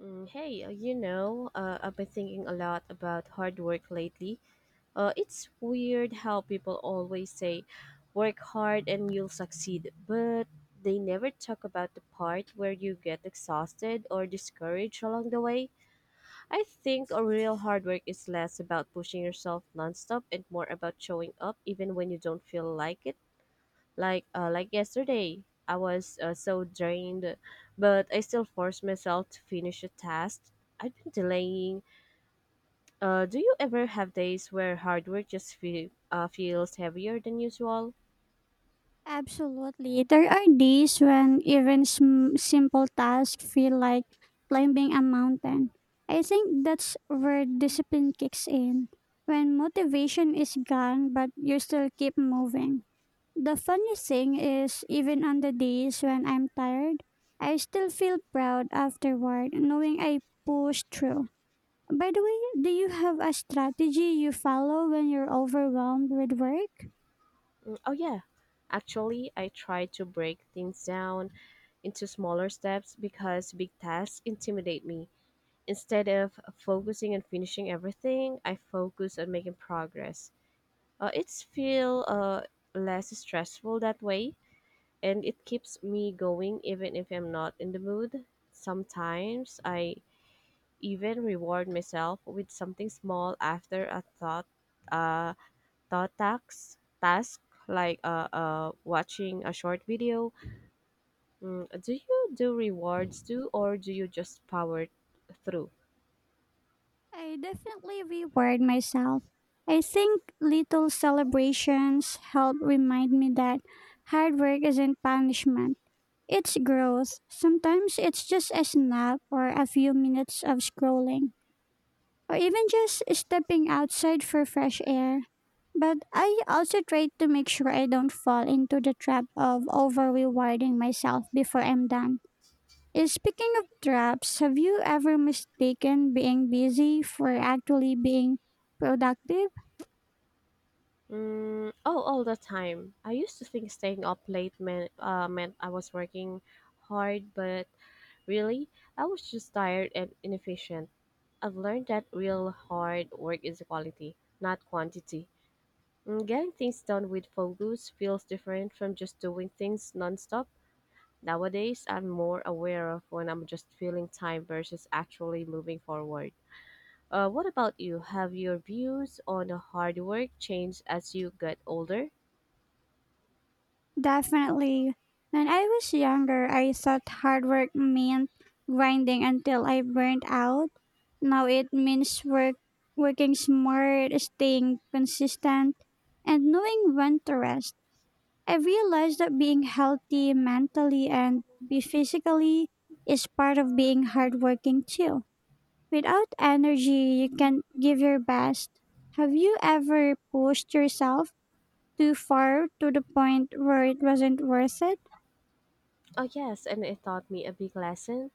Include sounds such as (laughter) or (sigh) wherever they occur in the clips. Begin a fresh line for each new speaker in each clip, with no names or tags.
Hey, I've been thinking a lot about hard work lately. It's weird how people always say, work hard and you'll succeed, but they never talk about the part where you get exhausted or discouraged along the way. I think a real hard work is less about pushing yourself nonstop and more about showing up even when you don't feel like it. Like yesterday, I was so drained, but I still forced myself to finish a task I've been delaying. Do you ever have days where hard work just feels heavier than usual?
Absolutely. There are days when even simple tasks feel like climbing a mountain. I think that's where discipline kicks in. When motivation is gone, but you still keep moving. The funny thing is, even on the days when I'm tired, I still feel proud afterward, knowing I pushed through. By the way, do you have a strategy you follow when you're overwhelmed with work?
Oh yeah. Actually, I try to break things down into smaller steps because big tasks intimidate me. Instead of focusing on finishing everything, I focus on making progress. It's feel less stressful that way, and it keeps me going even if I'm not in the mood. Sometimes I even reward myself with something small after a thought uh thought tax task like watching a short video. Mm, do you do rewards too, or do you just power through?
I definitely reward myself. I think little celebrations help remind me that hard work isn't punishment. It's growth. Sometimes it's just a snap or a few minutes of scrolling, or even just stepping outside for fresh air. But I also try to make sure I don't fall into the trap of over rewarding myself before I'm done. Speaking of traps, have you ever mistaken being busy for actually being productive?
Oh, all the time. I used to think staying up late meant I was working hard, but really, I was just tired and inefficient. I've learned that real hard work is quality, not quantity. And getting things done with focus feels different from just doing things nonstop. Nowadays, I'm more aware of when I'm just feeling time versus actually moving forward. What about you? Have your views on the hard work changed as you get older?
Definitely. When I was younger, I thought hard work meant grinding until I burned out. Now it means working smart, staying consistent, and knowing when to rest. I realized that being healthy mentally and physically is part of being hardworking too. Without energy, you can't give your best. Have you ever pushed yourself too far to the point where it wasn't worth it?
Oh, yes, and it taught me a big lesson.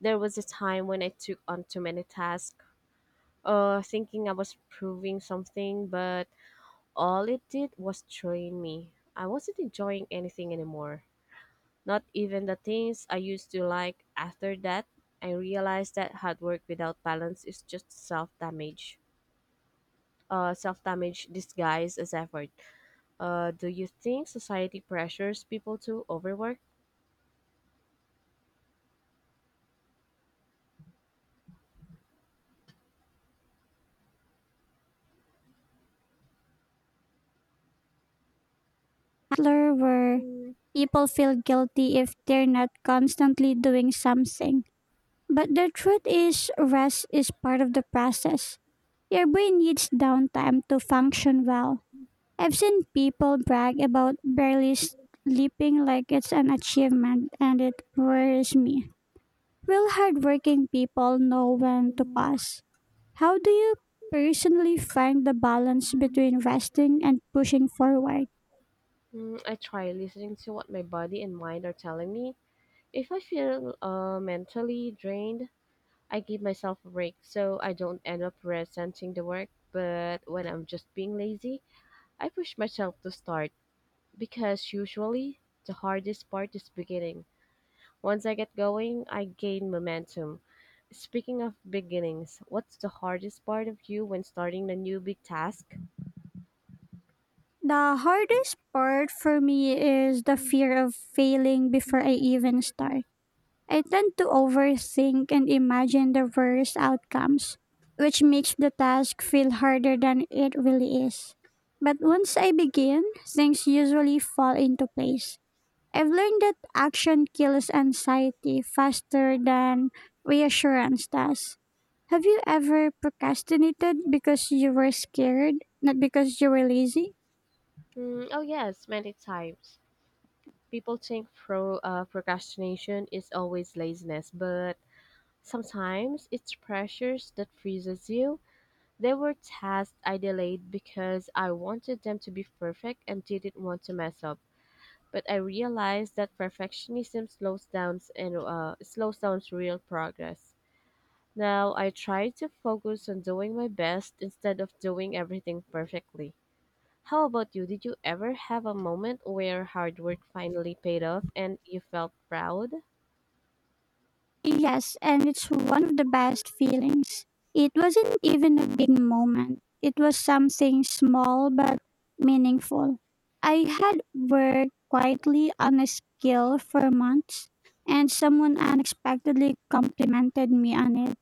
There was a time when I took on too many tasks, thinking I was proving something, but all it did was drain me. I wasn't enjoying anything anymore. Not even the things I used to like. After that, I realized that hard work without balance is just self damage. Self damage disguised as effort. Do you think society pressures people to overwork?
Butler, where people feel guilty if they're not constantly doing something. But the truth is, rest is part of the process. Your brain needs downtime to function well. I've seen people brag about barely sleeping like it's an achievement, and it worries me. Will hardworking people know when to pause? How do you personally find the balance between resting and pushing forward?
I try listening to what my body and mind are telling me. If I feel mentally drained, I give myself a break so I don't end up resenting the work. But when I'm just being lazy, I push myself to start because usually the hardest part is beginning. Once I get going, I gain momentum. Speaking of beginnings, what's the hardest part of you when starting a new big task?
The hardest part for me is the fear of failing before I even start. I tend to overthink and imagine the worst outcomes, which makes the task feel harder than it really is. But once I begin, things usually fall into place. I've learned that action kills anxiety faster than reassurance does. Have you ever procrastinated because you were scared, not because you were lazy?
Oh, yes, many times. People think procrastination is always laziness, but sometimes it's pressures that freezes you. There were tasks I delayed because I wanted them to be perfect and didn't want to mess up. But I realized that perfectionism slows down real progress. Now I try to focus on doing my best instead of doing everything perfectly. How about you? Did you ever have a moment where hard work finally paid off and you felt proud?
Yes, and it's one of the best feelings. It wasn't even a big moment. It was something small but meaningful. I had worked quietly on a skill for months, and someone unexpectedly complimented me on it.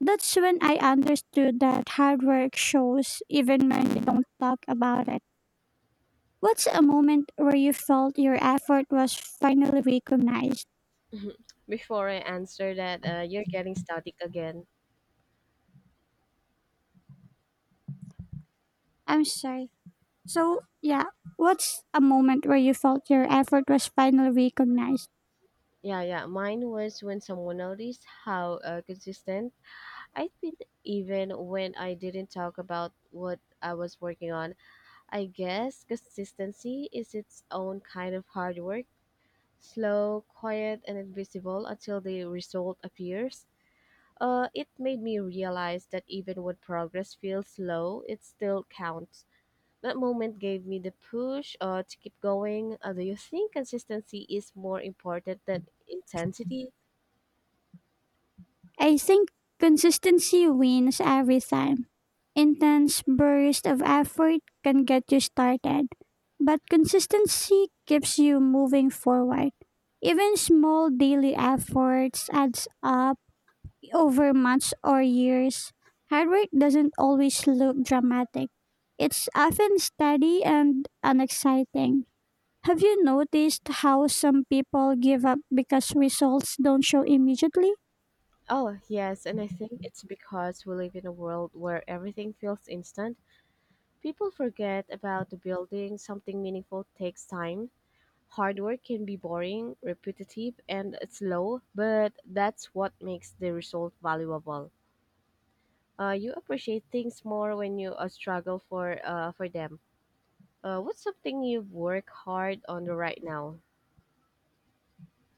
That's when I understood that hard work shows even when they don't talk about it. What's a moment where you felt your effort was finally recognized?
(laughs) Before I answer that, you're getting static again.
I'm sorry. So, yeah, what's a moment where you felt your effort was finally recognized?
Yeah, yeah. Mine was when someone noticed how consistent I'd been, even when I didn't talk about what I was working on. I guess consistency is its own kind of hard work, slow, quiet, and invisible until the result appears. It made me realize that even when progress feels slow, it still counts. That moment gave me the push to keep going. Do you think consistency is more important than intensity?
I think consistency wins every time. Intense bursts of effort can get you started, but consistency keeps you moving forward. Even small daily efforts adds up over months or years. Hard work doesn't always look dramatic. It's often steady and unexciting. Have you noticed how some people give up because results don't show immediately?
Oh, yes, and I think it's because we live in a world where everything feels instant. People forget about the building, something meaningful takes time. Hard work can be boring, repetitive, and slow, but that's what makes the result valuable. You appreciate things more when you struggle for them. What's something you've worked hard on right now?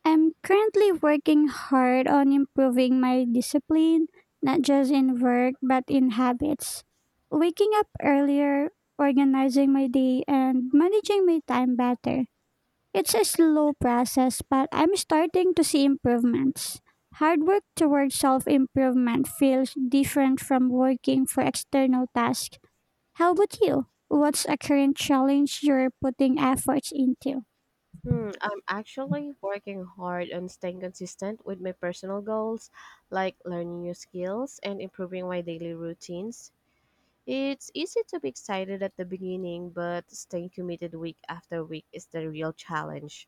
I'm currently working hard on improving my discipline, not just in work, but in habits. Waking up earlier, organizing my day, and managing my time better. It's a slow process, but I'm starting to see improvements. Hard work towards self improvement feels different from working for external tasks. How about you? What's a current challenge you're putting efforts into?
I'm actually working hard on staying consistent with my personal goals, like learning new skills and improving my daily routines. It's easy to be excited at the beginning, but staying committed week after week is the real challenge.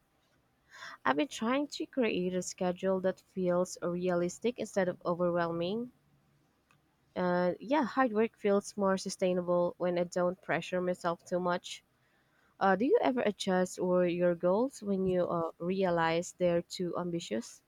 I've been trying to create a schedule that feels realistic instead of overwhelming. Yeah, hard work feels more sustainable when I don't pressure myself too much. Do you ever adjust or your goals when you realize they're too ambitious?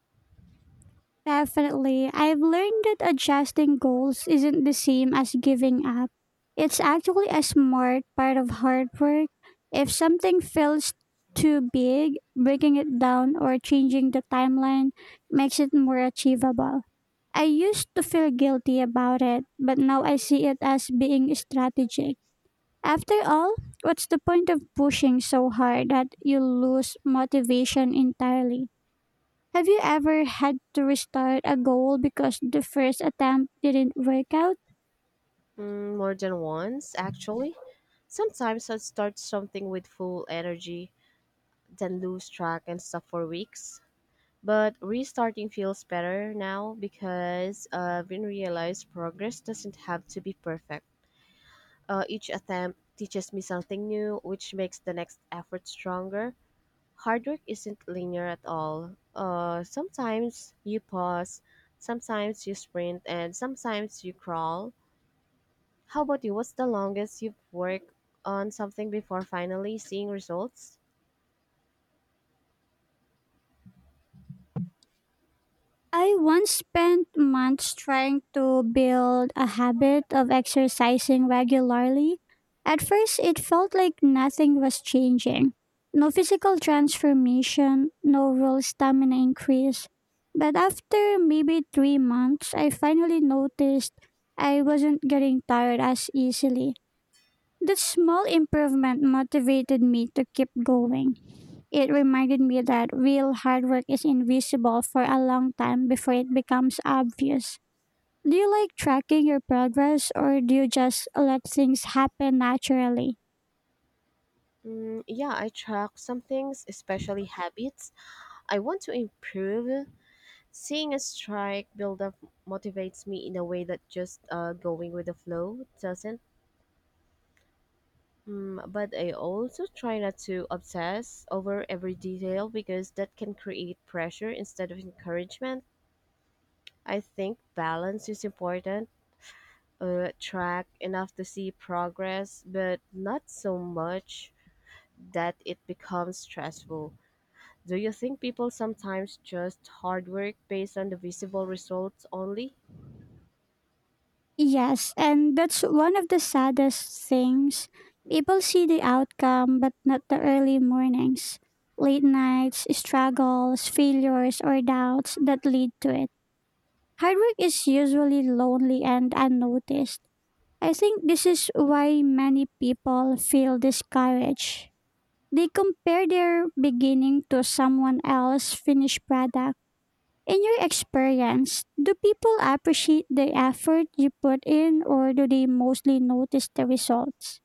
Definitely. I've learned that adjusting goals isn't the same as giving up. It's actually a smart part of hard work. If something feels too big, breaking it down or changing the timeline makes it more achievable. I used to feel guilty about it, but now I see it as being strategic. After all, what's the point of pushing so hard that you lose motivation entirely? Have you ever had to restart a goal because the first attempt didn't work out?
More than once, actually. Sometimes I start something with full energy, then lose track and stuff for weeks. But restarting feels better now because I've been realized progress doesn't have to be perfect. Each attempt teaches me something new, which makes the next effort stronger. Hard work isn't linear at all. Sometimes you pause, sometimes you sprint, and sometimes you crawl. How about you? What's the longest you've worked on something before finally seeing results?
I once spent months trying to build a habit of exercising regularly. At first, it felt like nothing was changing. No physical transformation, no real stamina increase. But after maybe 3 months, I finally noticed I wasn't getting tired as easily. That small improvement motivated me to keep going. It reminded me that real hard work is invisible for a long time before it becomes obvious. Do you like tracking your progress or do you just let things happen naturally?
Yeah, I track some things, especially habits I want to improve. Seeing a strike build up motivates me in a way that just going with the flow doesn't. Mm, but I also try not to obsess over every detail because that can create pressure instead of encouragement. I think balance is important. Track enough to see progress, but not so much that it becomes stressful. Do you think people sometimes just hard work based on the visible results only?
Yes, and that's one of the saddest things. People see the outcome but not the early mornings, late nights, struggles, failures, or doubts that lead to it. Hard work is usually lonely and unnoticed. I think this is why many people feel discouraged. They compare their beginning to someone else's finished product. In your experience, do people appreciate the effort you put in or do they mostly notice the results?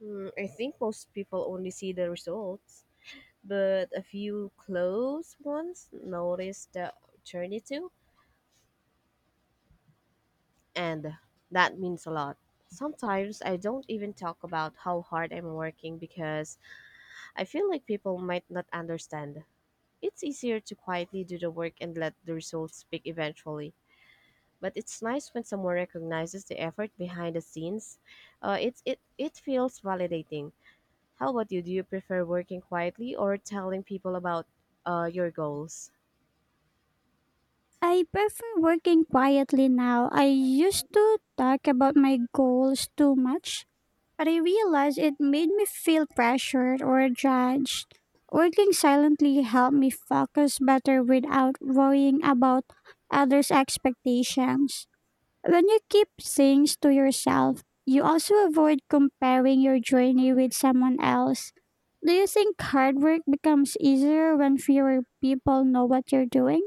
Hmm. I think most people only see the results, but a few close ones notice the journey too, and that means a lot. Sometimes I don't even talk about how hard I'm working because I feel like people might not understand. It's easier to quietly do the work and let the results speak eventually. But it's nice when someone recognizes the effort behind the scenes. It feels validating. How about you? Do you prefer working quietly or telling people about your goals?
I prefer working quietly now. I used to talk about my goals too much. But I realized it made me feel pressured or judged. Working silently helped me focus better without worrying about others' expectations. When you keep things to yourself, you also avoid comparing your journey with someone else. Do you think hard work becomes easier when fewer people know what you're doing?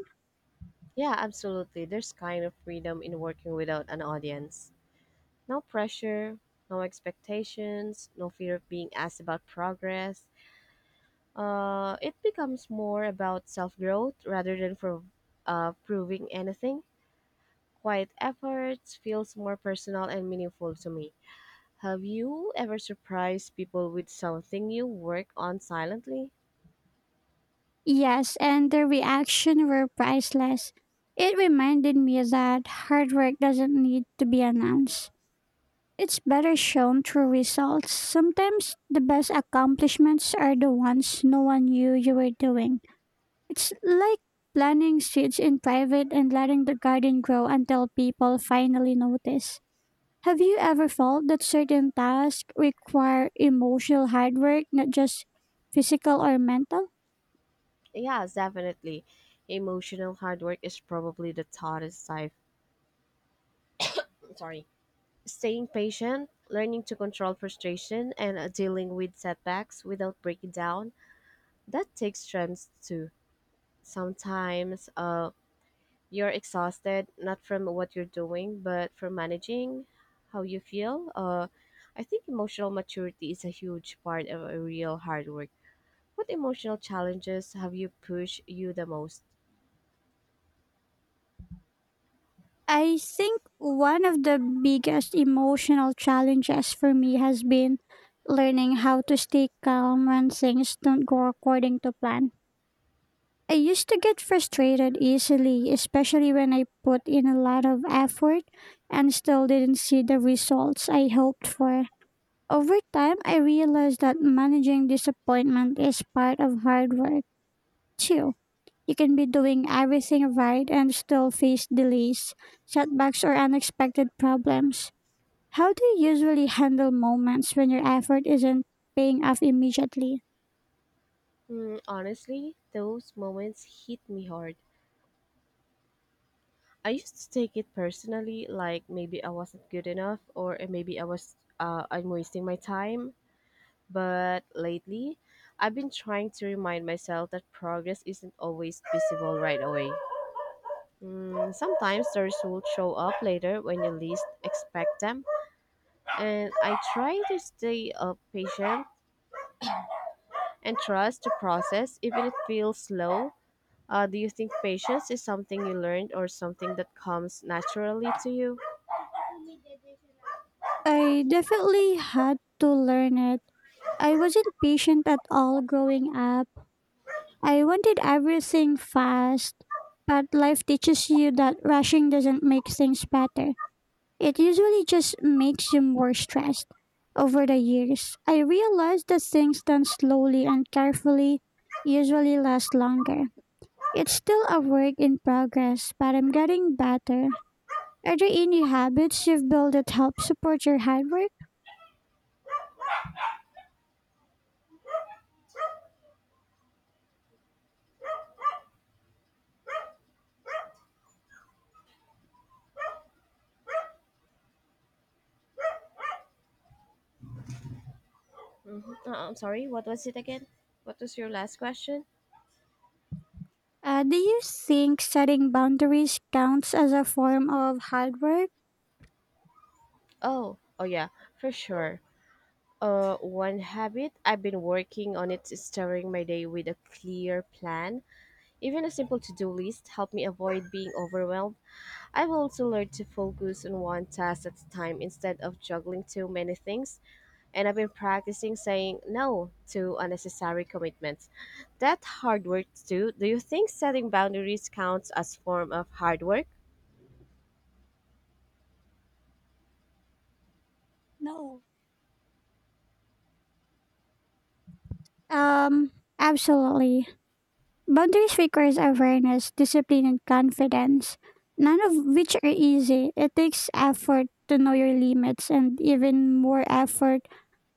Yeah, absolutely. There's kind of freedom in working without an audience. No pressure, no expectations, no fear of being asked about progress. It becomes more about self growth rather than for proving anything. Quiet efforts feels more personal and meaningful to me. Have you ever surprised people with something you work on silently?
Yes, and the reaction were priceless. It reminded me that hard work doesn't need to be announced. It's better shown through results. Sometimes the best accomplishments are the ones no one knew you were doing. It's like planting seeds in private and letting the garden grow until people finally notice. Have you ever felt that certain tasks require emotional hard work, not just physical or mental?
Yes, definitely. Emotional hard work is probably the hardest type. Sorry, staying patient, learning to control frustration, and dealing with setbacks without breaking down, that takes strength too. Sometimes you're exhausted, not from what you're doing, but from managing how you feel. I think emotional maturity is a huge part of a real hard work. What emotional challenges have you pushed you the most?
I think one of the biggest emotional challenges for me has been learning how to stay calm when things don't go according to plan. I used to get frustrated easily, especially when I put in a lot of effort and still didn't see the results I hoped for. Over time, I realized that managing disappointment is part of hard work, too. You can be doing everything right and still face delays, setbacks, or unexpected problems. How do you usually handle moments when your effort isn't paying off immediately?
Honestly, those moments hit me hard. I used to take it personally, like maybe I wasn't good enough or maybe I'm wasting my time. But lately, I've been trying to remind myself that progress isn't always visible right away. Mm, sometimes the results show up later when you least expect them, and I try to stay patient and trust the process, even if it feels slow. Do you think patience is something you learned or something that comes naturally to you?
I definitely had to learn it. I wasn't patient at all growing up. I wanted everything fast, but life teaches you that rushing doesn't make things better. It usually just makes you more stressed. Over the years, I realized that things done slowly and carefully usually last longer. It's still a work in progress, but I'm getting better. Are there any habits you've built that help support your hard work?
Mhm. I'm sorry, what was it again? What was your last question?
Do you think setting boundaries counts as a form of hard work?
Oh, oh yeah, for sure. One habit I've been working on it is starting my day with a clear plan. Even a simple to-do list help me avoid being overwhelmed. I've also learned to focus on one task at a time instead of juggling too many things, and I've been practicing saying no to unnecessary commitments. That hard work too. Do you think setting boundaries counts as form of hard work?
No. Um, Absolutely. Boundaries requires awareness, discipline, and confidence, none of which are easy. It takes effort to know your limits and even more effort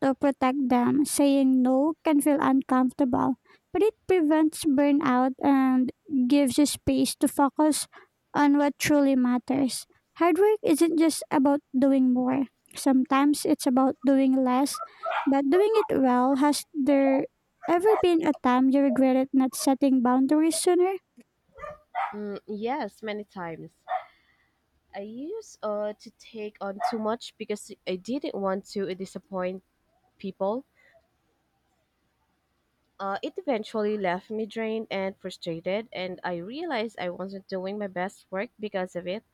to protect them. Saying no can feel uncomfortable, but it prevents burnout and gives you space to focus on what truly matters. Hard work isn't just about doing more. Sometimes it's about doing less, but doing it well. Has there ever been a time you regretted not setting boundaries sooner?
Yes, many times. I used To take on too much because I didn't want to disappoint people. It eventually left me drained and frustrated, and I realized I wasn't doing my best work because of it.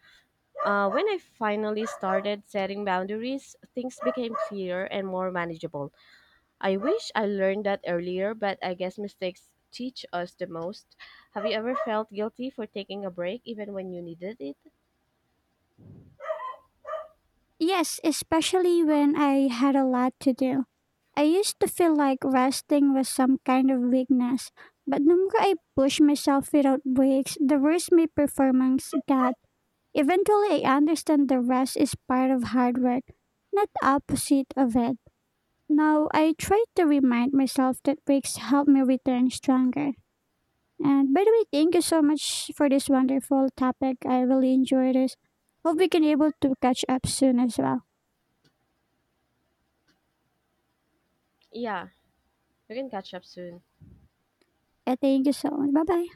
When I finally started setting boundaries, things became clearer and more manageable. I wish I learned that earlier, but I guess mistakes teach us the most. Have you ever felt guilty for taking a break even when you needed it?
Yes, especially when I had a lot to do. I used to feel like resting was some kind of weakness, but the more I pushed myself without breaks, the worse my performance got. Eventually, I understand the rest is part of hard work, not the opposite of it. Now, I try to remind myself that breaks help me return stronger. And by the way, thank you so much for this wonderful topic. I really enjoyed this. Hope we can able to catch up soon as well.
Yeah, you can catch up soon.
Yeah, thank you so much. Bye bye.